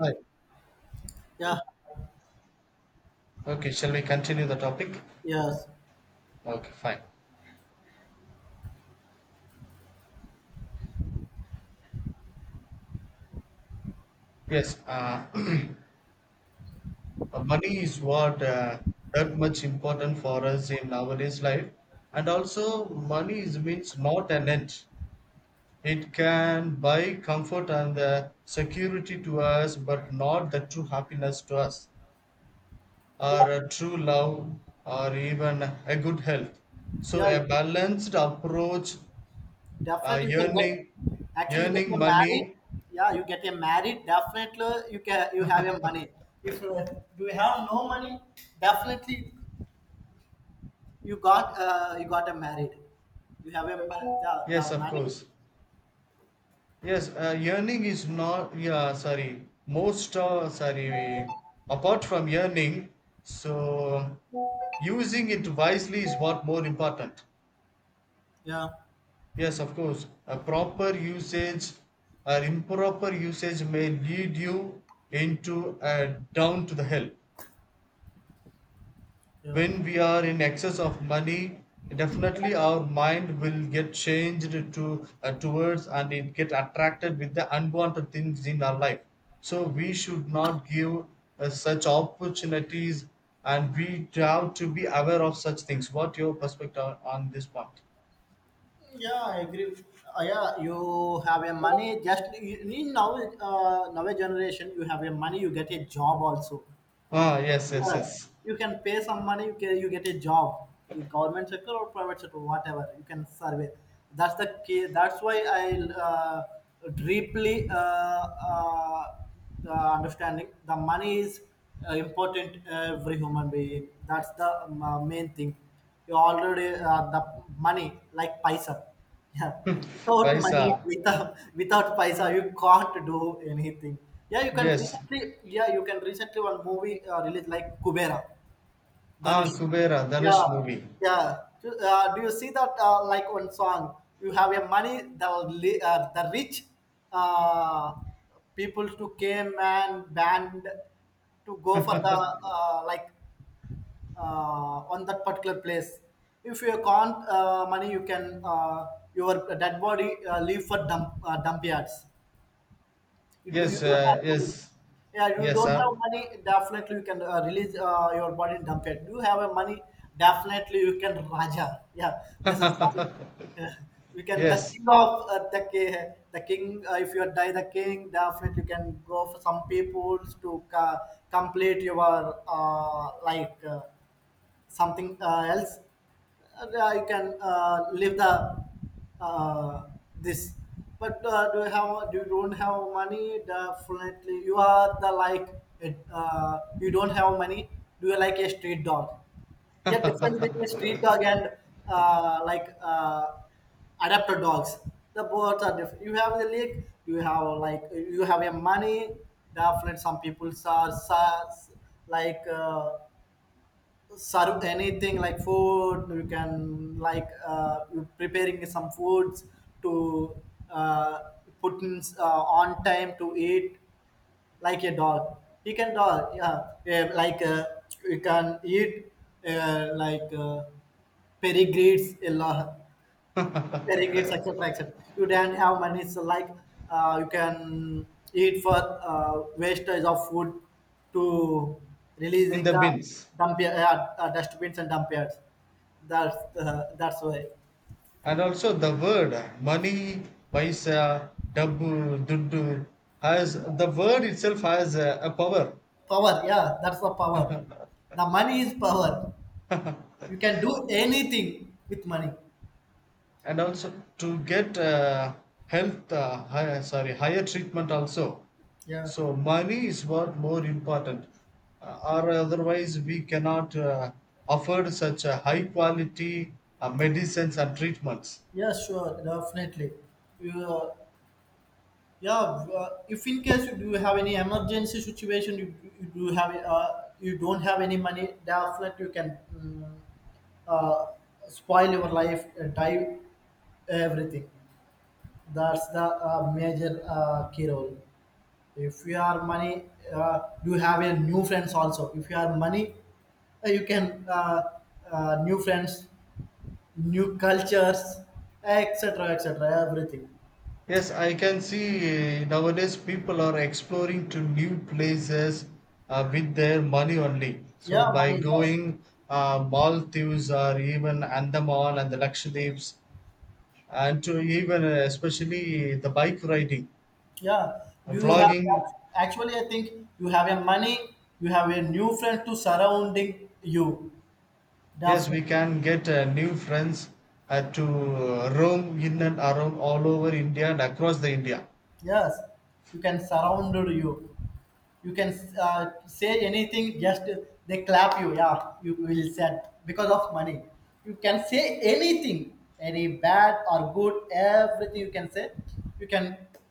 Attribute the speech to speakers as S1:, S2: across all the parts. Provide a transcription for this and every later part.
S1: Hi.
S2: Yeah,
S1: Okay, shall we continue the topic?
S2: yes,
S1: Okay, fine. Yes, money is what that much important for us in nowadays life, and also money is means not an end. It can buy comfort and security to us, but not the true happiness to us, or a true love, or even a good health. So
S2: yeah,
S1: a balanced approach, uh,
S2: definitely you can
S1: earning,
S2: get. Actually, you get
S1: earning
S2: a married.
S1: money.
S2: Yeah, you get a married. Definitely, you have your money. If you have no money, definitely you got a married. You have a ma- the,
S1: Yes,
S2: the
S1: of
S2: money.
S1: course. Yes, yearning is not, yeah, sorry, most, sorry, apart from yearning, so using it wisely is what more important.
S2: Yeah,
S1: Yes, of course, a proper usage or improper usage may lead you into a down to the hell.
S2: yeah,
S1: When we are in excess of money, definitely our mind will get changed to, towards, and it get attracted with the unwanted things in our life, so we should not give such opportunities, and we have to be aware of such things. What your perspective on this point?
S2: yeah. I agree. Yeah, you have a money. Just you need now generation. You have a money. You get a job also.
S1: Ah, yes, yes,
S2: Yes,
S1: yes.
S2: you can pay some money. You get a job, in government sector or private sector, whatever. You can survey. That's the key. That's why I deeply the understanding the money is important every human being. That's the main thing. You already the money like paisa. Yeah, without
S1: Paisa.
S2: money, without paisa you can't do anything. yeah you can
S1: Yes.
S2: recently yeah you can recently one movie release like Kubera
S1: Ah,
S2: Dhanush.
S1: kubera dhanush
S2: Yeah,
S1: movie.
S2: yeah. Do you see that like one song you have your money, the the rich uh, people to came and band to go for the like on that particular place. If you can't money, you can your dead body leave for dump yards. You
S1: Yes,
S2: don't have money.
S1: yes.
S2: Yeah, you
S1: Yes,
S2: don't
S1: sir.
S2: have money, definitely you can release your body in dump yard. You have a money, definitely you can raja. Yeah, this is something. Yeah. We can the
S1: Yes.
S2: king of uh, the ki- the king. If you die the king, definitely you can go for some peoples to complete your like something else. You can leave the uh, this. But do you don't have money, definitely you are the like it, you don't have money. Do you like a street dog? Yeah, difference between street dog and like adapter dogs. The both are different. You have the league, you have like, you have a money, definitely some people are like serve anything like food, you can like you preparing some foods to uh, put in on time to eat like a dog. You can dog, yeah, yeah, like you can eat like pedigrees a lot sharing, it's such a fraction. You don't have money, it's like you can eat for wastage of food to
S1: In
S2: releasing
S1: the
S2: the
S1: bins.
S2: dump dustbins and dump yards. That's why.
S1: And also the word money, paisa, dabbu, duddu, has the word itself has a power.
S2: Power, yeah, that's the power. The money is power, you can do anything with money.
S1: And also to get sorry, higher treatment also.
S2: Yeah,
S1: So money is what more important, or otherwise we cannot afford such a high quality medicines and treatments.
S2: yeah, sure, definitely you yeah, if in case you do have any emergency situation, you don't have any money, definitely you can uh, spoil your life, die, everything. That's the major key role. If you are money, you have a new friends also. If you are money, you can new friends, new cultures, etc., etc., everything.
S1: Yes, I can see nowadays people are exploring to new places with their money only. So
S2: Yeah,
S1: by
S2: money. Yes.
S1: going Maldives, or even Andaman and the Lakshadweeps, and to even especially the bike riding,
S2: Yeah, do you have
S1: vlogging.
S2: actually? I think you have a money, you have a new friend to surrounding you.
S1: Yes, we
S2: Definitely,
S1: can get new friends to roam in and around all over India and across the India.
S2: yes, you can surround you. You can say anything, just they clap you. Yeah, you will said because of money, you can say anything, any bad or good, everything you can say, you can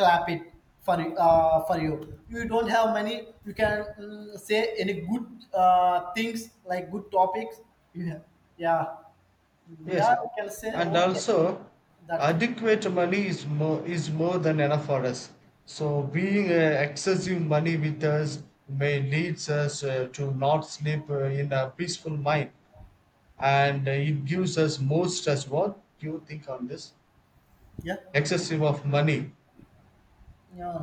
S2: clap it for you. You don't have money, you can say any good things like good topics you have. Yeah,
S1: Yes,
S2: yeah, you can say
S1: and
S2: okay.
S1: also
S2: That's it.
S1: adequate money is more than enough for us. So being excessive money with us may leads us to not sleep in a peaceful mind, and it gives us more stress. What do you think on this?
S2: Yeah.
S1: Excessive of money.
S2: Yeah,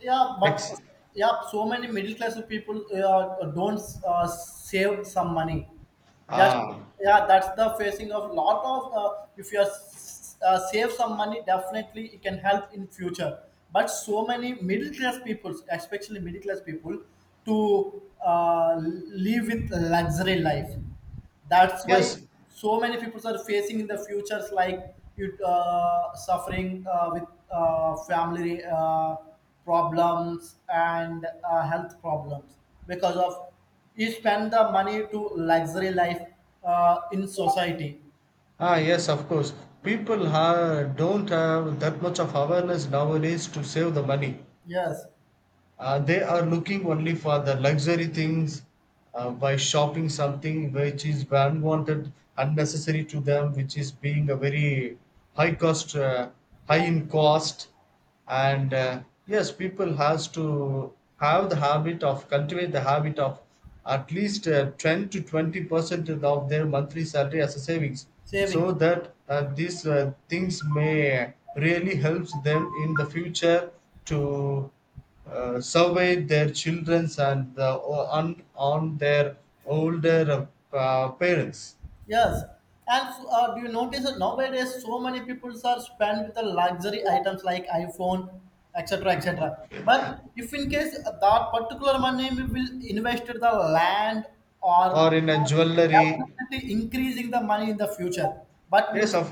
S2: yeah, but
S1: Ex-
S2: yeah, so many middle class people don't save some money. Just
S1: ah,
S2: yeah, that's the facing of lot of. If you are, save some money, definitely it can help in future. But so many middle class people, especially middle class people, to live with luxury life, that's why
S1: yes.
S2: so many people are facing in the futures, like you suffering with family problems and health problems, because of you spend the money to luxury life in society.
S1: Ah, yes, of course. People ha don't have that much of awareness nowadays to save the money.
S2: Yes,
S1: They are looking only for the luxury things by shopping something which is unwanted, unnecessary to them, which is being a very high cost, high in cost. And yes, people has to have the habit of cultivate the habit of at least 10 to 20% of their monthly salary as a savings, so
S2: savings.
S1: that these things may really helps them in the future to surveyed their children, on their older parents,
S2: Yes, and do you notice that nowadays so many people are spend with the luxury items like iPhone, etc., etc.? But if in case that particular money we will invest in the land
S1: or
S2: or
S1: in a jewelry.
S2: definitely increasing the money in the future, but will,
S1: Yes of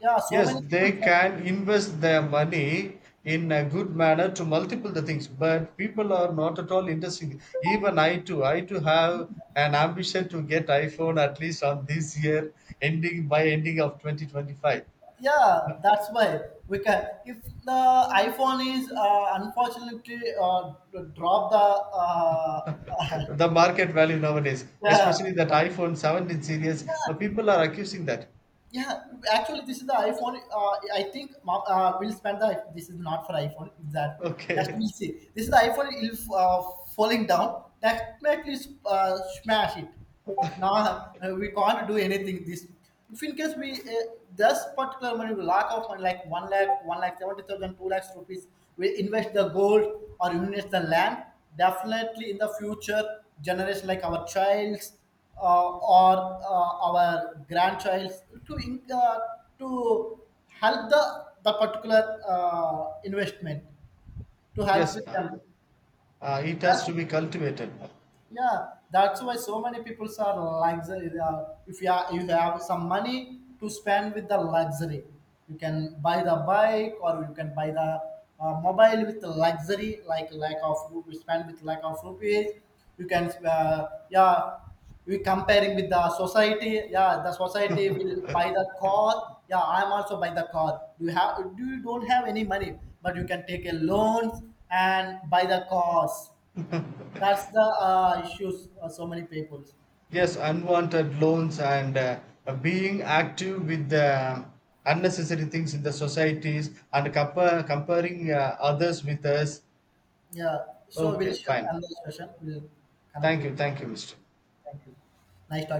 S2: yeah, so
S1: yes,
S2: many people.
S1: they can invest their money in a good manner to multiple the things, but people are not at all interested. Even I too have an ambition to get iphone, at least on this year ending, by ending of 2025.
S2: Yeah, that's why we can. If the iPhone is unfortunately drop the uh,
S1: The market value nowadays,
S2: yeah.
S1: especially that iphone 17 series,
S2: Yeah.
S1: people are accusing that.
S2: Yeah. actually, this is the iPhone. I think we'll spend the. This is not for iPhone. It's that, just
S1: Okay.
S2: we'll see. This is the iPhone. If falling down, definitely smash it. Now we can't do anything. This, if in case we this particular money we lack of money like 1 lakh, 1 lakh 70,000, 2 lakhs rupees. We invest the gold or invest the land. Definitely in the future generation like our childs or our grandchild to to help the particular investment to help
S1: Yes.
S2: with them.
S1: It has
S2: That's,
S1: to be cultivated.
S2: yeah, that's why so many people are luxury if you have some money to spend with the luxury. You can buy the bike or you can buy the mobile with the luxury, like lack of you spend with lack of rupees, you can yeah. We comparing with the society, yeah, the society will buy the car, yeah, I'm also buy the car. You don't have any money, but you can take a loans and buy the cars. That's the issues for so many people.
S1: Yes, unwanted loans, and being active with the unnecessary things in the societies, and comparing others with us.
S2: Yeah. So we'll
S1: Okay,
S2: share
S1: fine.
S2: another session. We'll connect
S1: Thank
S2: with.
S1: you. Thank you, Mr.
S2: Thank you. Nice talking.